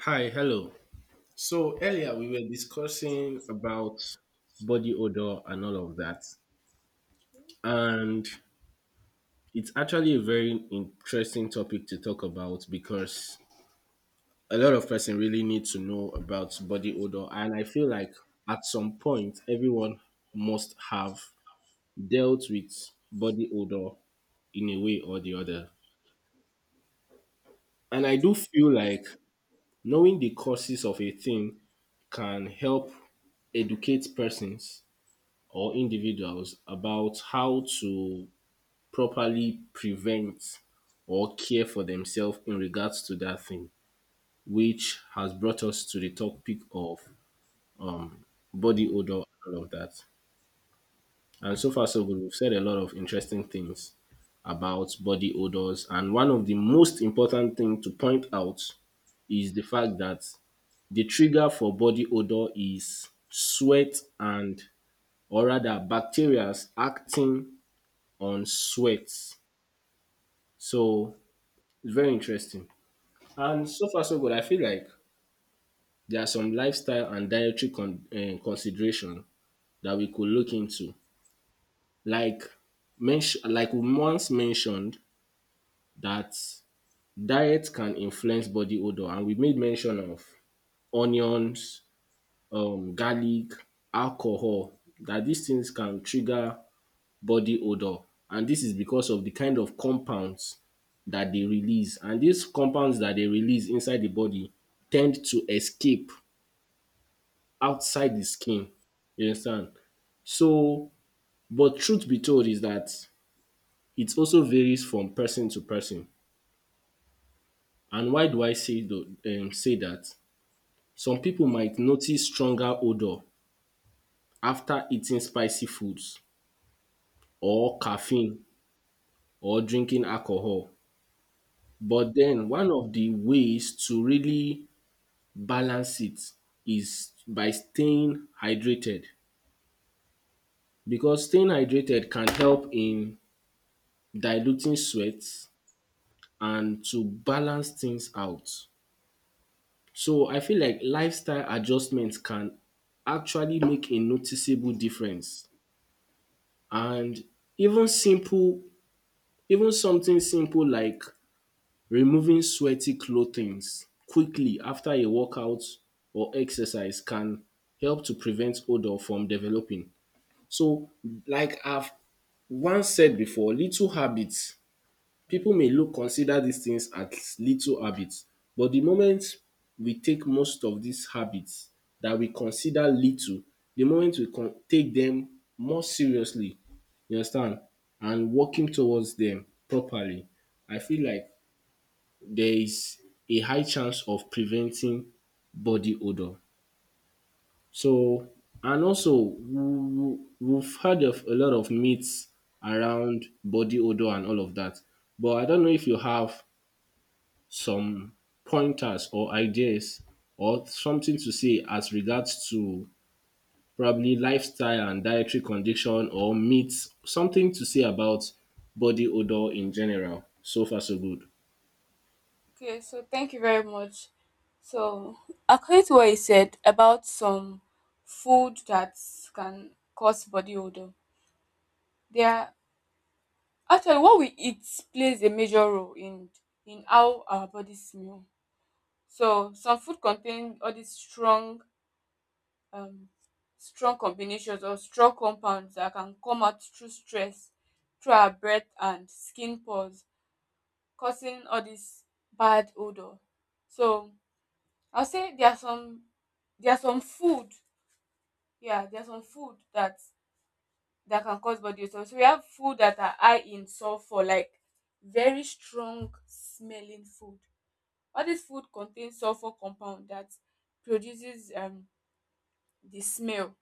Hi, hello. So earlier we were discussing about body odor and all of that. And it's actually a very interesting topic to talk about because a lot of person really need to know about body odor, and I feel like at some point everyone must have dealt with body odor in a way or the other. And I Yes. do feel like knowing the causes of a thing can help educate persons or individuals about how to properly prevent or care for themselves in regards to that thing, which has brought us to the topic of um, body odor and all of that. And so far, so good. We've said a lot of interesting things about body odors. And one of the most important thing to point out is the fact that the trigger for body odor is sweat and, or rather bacteria acting on sweat. So it's very interesting. And so far so good, I feel like there are some lifestyle and dietary consideration that we could look into. Like like we once mentioned that diet can influence body odor, and we made mention of onions, garlic, alcohol. That these things can trigger body odour, and this is because of the kind of compounds that they release, and these compounds that they release inside the body tend to escape outside the skin, you understand. So but truth be told is that it also varies from person to person. And why do I say say that? Some people might notice stronger odour after eating spicy foods or caffeine or drinking alcohol. But then one of the ways to really balance it is by staying hydrated, because staying hydrated can help in diluting sweat and to balance things out. So I feel like lifestyle adjustments can actually make a noticeable difference. And even simple, even something simple like removing sweaty clothings quickly after a workout or exercise can help to prevent odour from developing. So like I've once said before, people may look consider these things as little habits, but the moment we take most of these habits that we consider little, the moment we take them more seriously, you understand, and working towards them properly, I feel like there is a high chance of preventing body odor. So, and also we've heard of a lot of myths around body odor and all of that. But I don't know if you have some pointers or ideas or something to say as regards to probably lifestyle and dietary condition or myths, something to say about body odor in general. So far, so good. Okay, so thank you very much. So, according to what you said about some food that can cause body odor, there are actually what we eat plays a major role in how our bodies smell. So, some food contain all these um, strong combinations or strong compounds that can come out through stress, through our breath and skin pores, causing all this bad odor. So I'll say there are some food, yeah, there are some food that can cause body odor. So we have food that are high in sulfur, like very strong smelling food. All this food contains sulfur compound that produces the smell,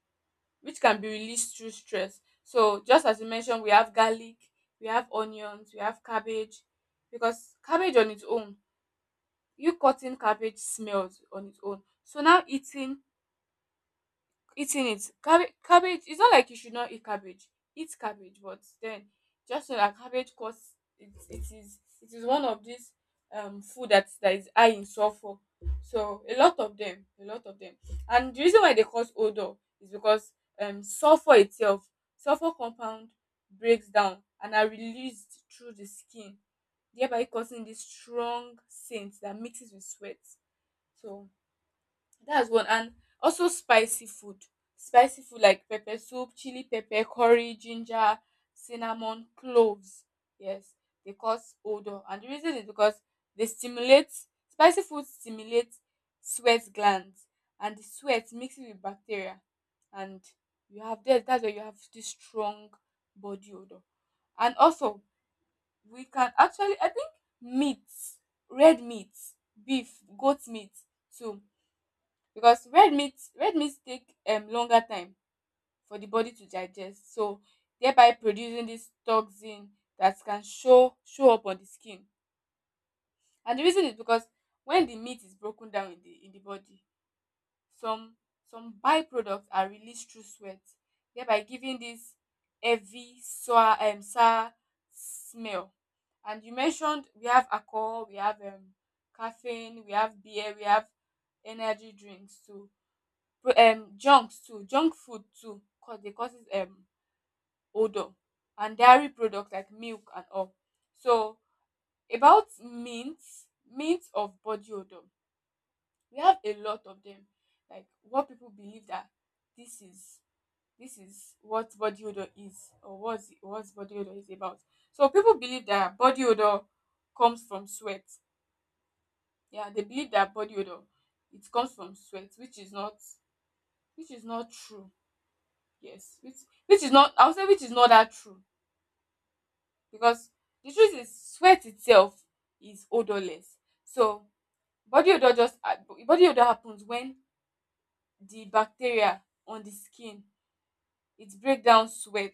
which can be released through stress. So just as you mentioned, we have garlic, we have onions, we have cabbage, because cabbage on its own, you cutting cabbage smells on its own. So now eating it cabbage it's not like you should not eat cabbage but then just know that cabbage cause it is one of these food that is high in sulfur, so a lot of them and the reason why they cause odor is because um sulfur itself sulfur compound breaks down and are released through the skin, thereby causing this strong scent that mixes with sweat. So that's one. And also spicy food. Spicy food like pepper soup, chili pepper, curry, ginger, cinnamon, cloves. Yes, they cause odor. And the reason is because they stimulate, spicy food stimulates sweat glands. And the sweat mixes with bacteria. And you have that. That's why you have this strong body odor. And also, we can actually, I think meat, red meat, beef, goat meat too, because red meat take longer time for the body to digest, so thereby producing this toxin that can show up on the skin. And the reason is because when the meat is broken down in the body, some some byproducts are released through sweat, thereby giving this heavy sour smell. And you mentioned we have alcohol, we have caffeine, we have beer, we have energy drinks too. Junk food too cause dey causes odour, and dairy products like milk and all. So about mint of body odour, we have a lot of them, like what people believe that this is this is what body odour is, or what's body odour is about. So people believe that body odour comes from sweat. Yeah, they believe that body odour it comes from sweat, which is not true. Yes, which is not, I will say which is not that true, because the truth is sweat itself is odorless. So body odor happens when the bacteria on the skin it break down sweat,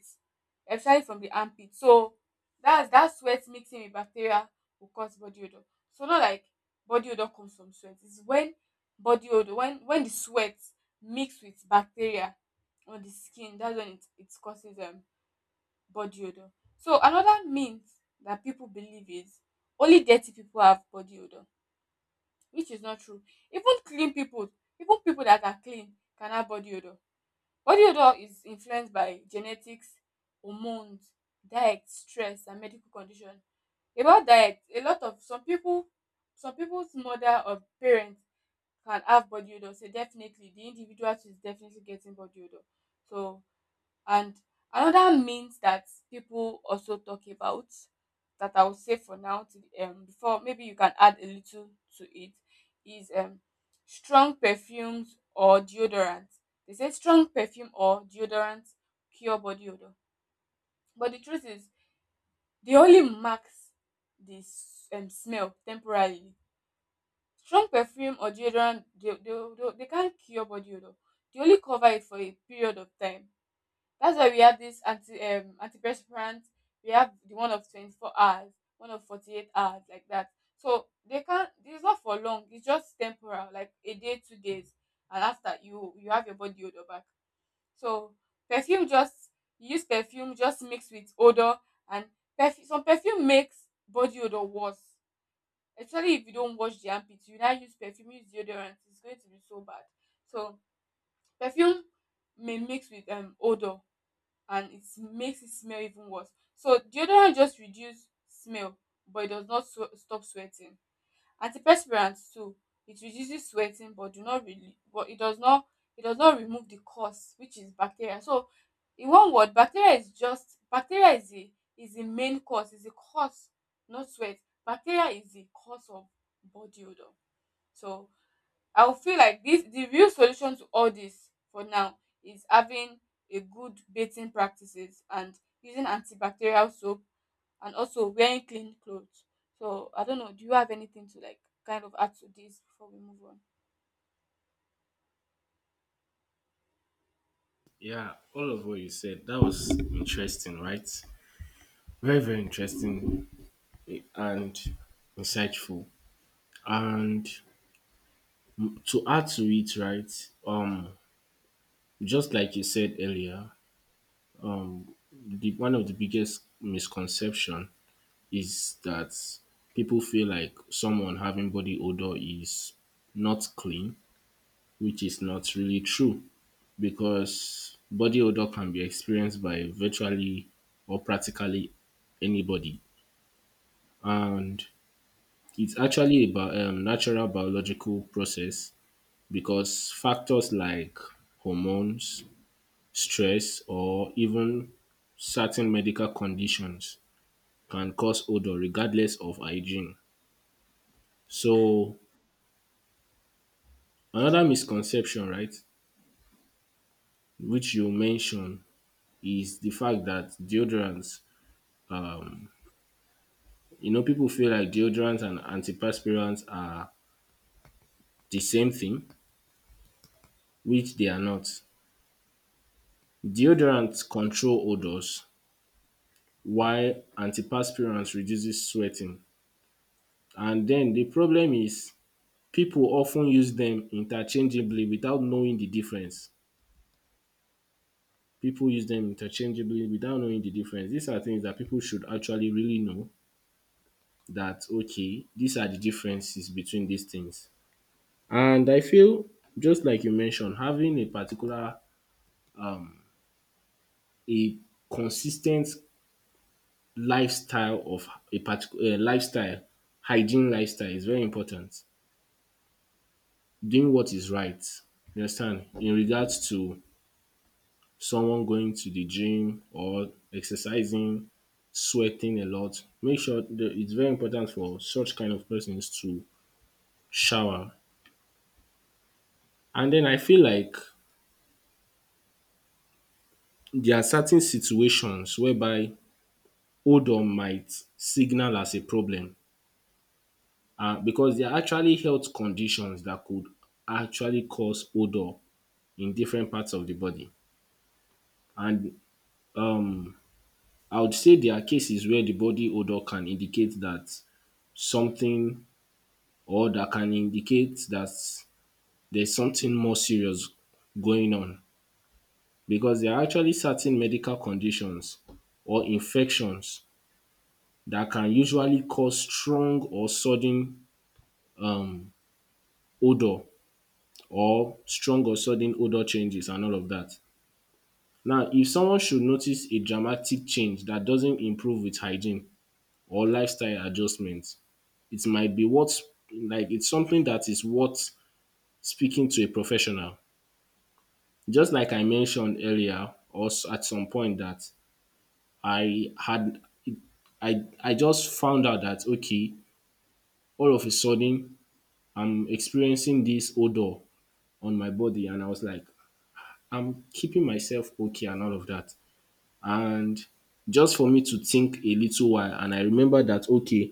especially from the armpit. So that's that sweat mixing with bacteria will cause body odor. So not like body odor comes from sweat. It's when body odor when the sweat mix with bacteria on the skin, that's when it causes body odor. So another myth that people believe is only dirty people have body odor, which is not true. Even clean people, even people that are clean can have body odor. Body odor is influenced by genetics, hormones, diet, stress, and medical condition. About diet, a lot of some people, some people's mother or parents can have body odor. So definitely, the individual is definitely getting body odor. So and another means that people also talk about that I will say for now to before maybe you can add a little to it is strong perfumes or deodorants. They say strong perfume or deodorants cure body odor. But the truth is they only max this smell temporarily. Strong perfume or deodorant they can't cure body odor. They only cover it for a period of time, that's why we have this antiperspirant. We have the one of 24 hours, one of 48 hours, like that. So they can't. It's not for long. It's just temporal, like a day, 2 days, and after you have your body odor back. So perfume just you use perfume just mix with odor and perfume. Some perfume makes body odor worse, especially if you don't wash the armpits. You now use perfume, use deodorant. It's going to be so bad. So perfume may mix with odor and it makes it smell even worse. So deodorant just reduce smell, but it does not stop sweating. Antiperspirants too, it reduces sweating, but it does not remove the cause, which is bacteria. So in one word, bacteria is the main cause, is the cause, not sweat. Bacteria is the cause of body odor. So I will feel like this the real solution to all this for now is having a good bathing practices and using antibacterial soap and also wearing clean clothes. So I don't know, do you have anything to like kind of add to this before we move on? Yeah, all of what you said, that was interesting, right? Very, very interesting and insightful. And to add to it, right? Just like you said earlier, the one of the biggest misconception is that people feel like someone having body odor is not clean, which is not really true, because body odor can be experienced by virtually or practically anybody, and it's actually about natural biological process, because factors like hormones, stress, or even certain medical conditions can cause odor regardless of hygiene. So another misconception, right, which you mentioned, is the fact that deodorants, you know, people feel like deodorants and antiperspirants are the same thing, which they are not. Deodorants control odors why antiperspirants reduces sweating. And then the problem is people often use them interchangeably without knowing the difference. People use them interchangeably without knowing the difference. These are things that people should actually really know, that okay, these are the differences between these things. And I feel, just like you mentioned, having a particular a consistent lifestyle of a particular lifestyle, hygiene lifestyle is very important. Doing what is right. You understand? In regards to someone going to the gym or exercising, sweating a lot, make sure that it's very important for such kind of persons to shower. And then I feel like there are certain situations whereby odor might signal as a problem, because there are actually health conditions that could actually cause odor in different parts of the body. And um I would say there are cases where the body odor can indicate that something or that can indicate that there's something more serious going on, because there are actually certain medical conditions or infections that can usually cause strong or sudden um, odor, or strong or sudden odor changes and all of that. Now, if someone should notice a dramatic change that doesn't improve with hygiene or lifestyle adjustments, it might be what, like it's something that is worth speaking to a professional. Just like I mentioned earlier, or at some point that I had, I just found out that okay, all of a sudden I'm experiencing this odor on my body, and I was like, I'm keeping myself okay and all of that. And just for me to think a little while, and I remember that okay,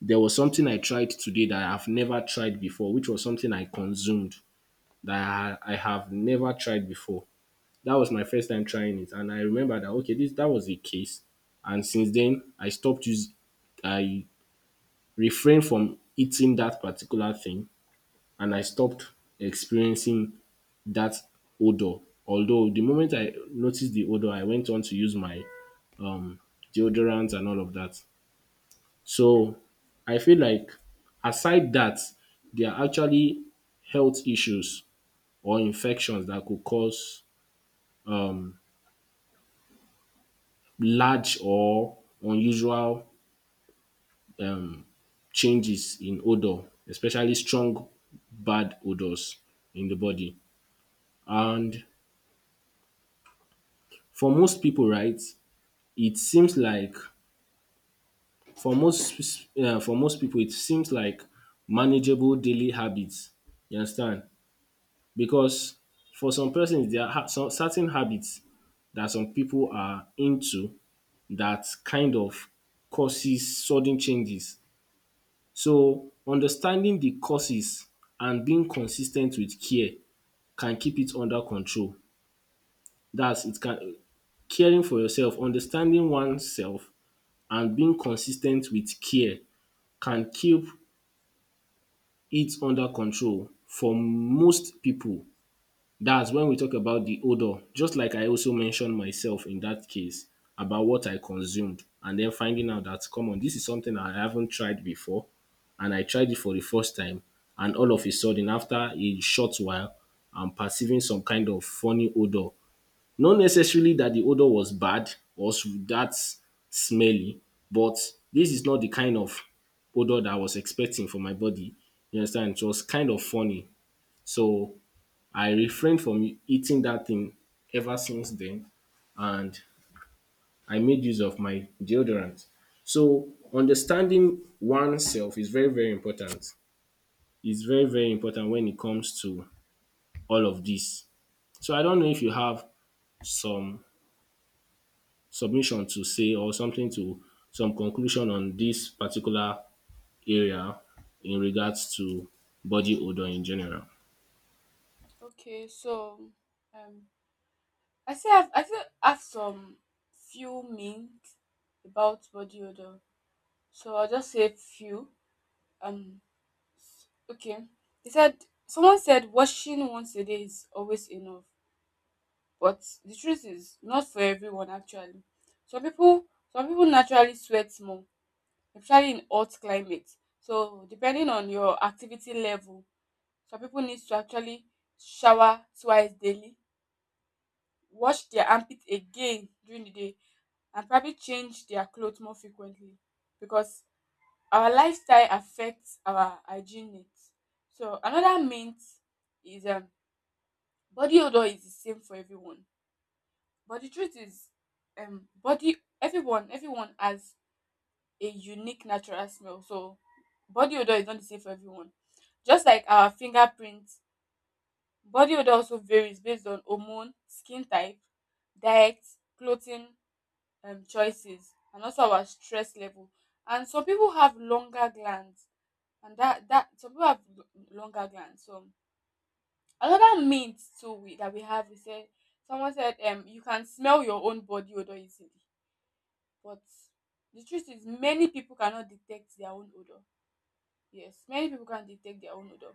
there was something I tried today that I've never tried before, which was something I consumed that I have never tried before. That was my first time trying it, and I remember that okay, this that was a case, and since then I stopped using, I refrained from eating that particular thing, and I stopped experiencing that odor. Although the moment I noticed the odor, I went on to use my um deodorant and all of that. So I feel like aside that, there are actually health issues or infections that could cause large or unusual changes in odour, especially strong bad odours in the body. And for most people, right, it seems like for most people, it seems like manageable daily habits, you understand, because for some persons there are some certain habits that some people are into that kind of causes sudden changes. So understanding the causes and being consis ten t with care can keep it under control. Dats it can caring for yourself, understanding oneself and being consis ten t with care can keep it under control for most pipu. That's when we talk about the odor, just like I also mentioned myself in that case about what I consumed and then finding out that come on, this is something I haven't tried before and I tried it for the first time. And all of a sudden, after a short while, I'm perceiving some kind of funny odor. Not necessarily that the odor was bad or that smelly, but this is not the kind of odor that I was expecting for my body. You understand? It was kind of funny. So I refrained from eating that thing ever since then, and I made use of my deodorant. So understanding oneself is very, very important. It's very, very important when it comes to all of this. So I don't know if you have some submission to say or something to some conclusion on this particular area in regards to body odor in general. Okay, so um I still have some few mints about body odor. So I'll just say few. Um okay. He said Someone said washing once a day is always enough. But the truth is not for everyone actually. Some people some people naturally sweat more, especially in hot climates. So depending on your activity level, some people need to actually shower twice daily, wash their armpit again during the day, and probably change their clothes more frequently because our lifestyle affects our hygiene needs. So another mint is body odor is the same for everyone. But the truth is, body everyone everyone has a unique natural smell. So body odor is not the same for everyone. Just like our fingerprint, body odor also varies based on hormone, skin type, diet, clothing choices, and also our stress level. And some people have longer glands, and that some people have longer glands. So another myth too we, that we have, we said someone said you can smell your own body odor easily. But the truth is many people cannot detect their own odor. Yes, many people can detect their own odor.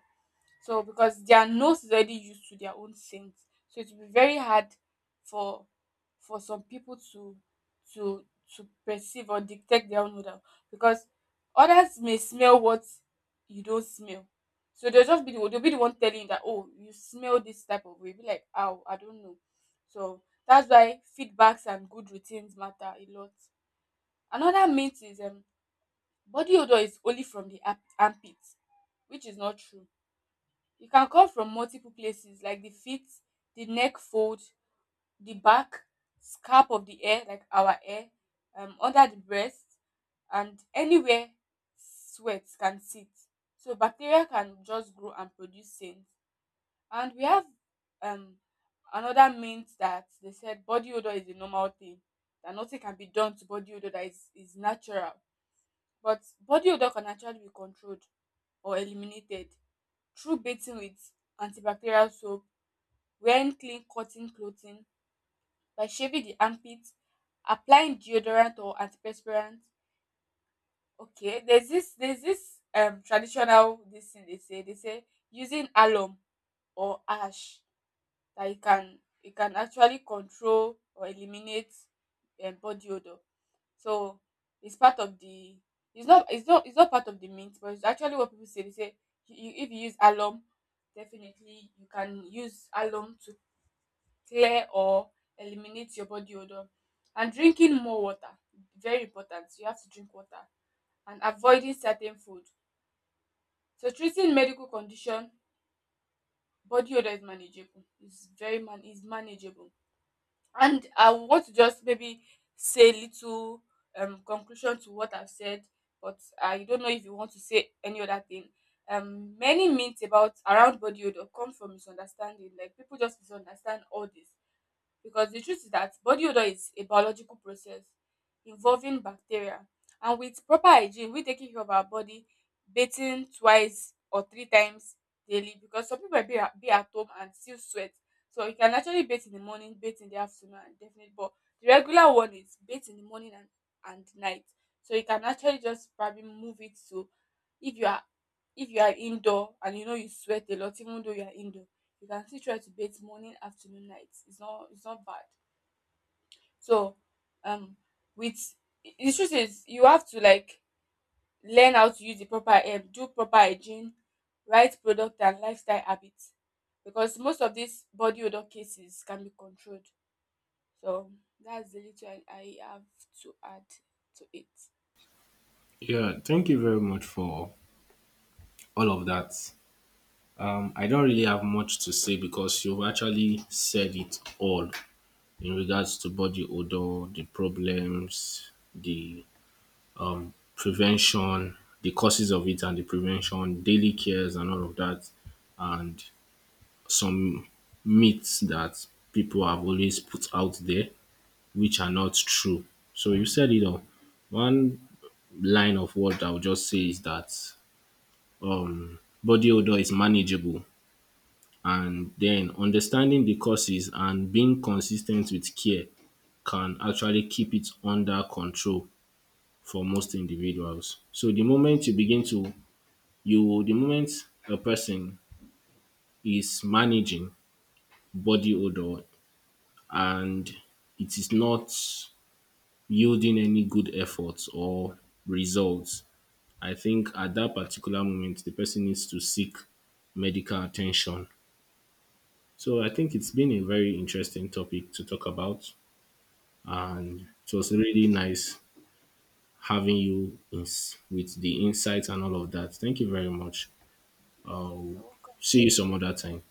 So because their nose is already used to their own scent. So it will be very hard for some people to to perceive or detect their own odor, because others may smell what you don't smell. So they'll be the one telling you that oh you smell this type of way. Be like oh I don't know. So that's why feedbacks and good routines matter a lot. Another myth is body odor is only from the armpit, which is not true. It can come from multiple places like the feet, the neck fold, the back, scalp of the hair, like our hair, under the breast, and anywhere sweat can sit. So bacteria can just grow and produce stains. And we have um, another myth that they said body odor is a normal thing, that nothing can be done to body odor, that is natural, but body odor can actually be controlled or eliminated through bathing with antibacterial soap, wearing clean cotton clothing, by shaving the armpits, applying deodorant or antiperspirant. Okay, there's this traditional this thing they say using alum or ash, that you can actually control or eliminate body odor. So it's part of the it's not part of the mint, but it's actually what people say. They say if you use alum, definitely you can use alum to clear or eliminate your body odor. And drinking more water, very important. You have to drink water and avoiding certain food. So treating medical condition, body odor is manageable. It's very manageable. And I want to just maybe say little conclusion to what I've said, but I don't know if you want to say any other thing. Many myths about around body odor come from misunderstanding. Like people just misunderstand all this, because the truth is that body odor is a biological process involving bacteria, and with proper hygiene we taking care of our body, bathing twice or three times daily, because some people be at home and still sweat, so you can actually bathe in the morning, bathe in the afternoon, and definitely but the regular one is bathe in the morning and night. So you can actually just probably move it to, if you are indoor and you know you sweat a lot, even though you are indoor, you can still try to bait morning, afternoon, night. It's not bad. So um with the truth is you have to like learn how to use the proper herb, do proper hygiene, right product and lifestyle habits. Because most of these body odor cases can be controlled. So that's the little I have to add to it. Yeah, thank you very much for all of that. I don't really have much to say because you've actually said it all in regards to body odor, the problems, the prevention, the causes of it and the prevention, daily cares and all of that, and some myths that people have always put out there which are not true. So you said it all. One line of what I would just say is that body odor is manageable. And then understanding the causes and being consistent with care can actually keep it under control for most individuals. So the moment you begin to you the moment a person is managing body odor and it is not yielding any good efforts or results, I think at that particular moment the person needs to seek medical attention. So I think it's been a very interesting topic to talk about. And it was really nice having you in, with the insights and all of that. Thank you very much. Thank I'll you. see you some other time.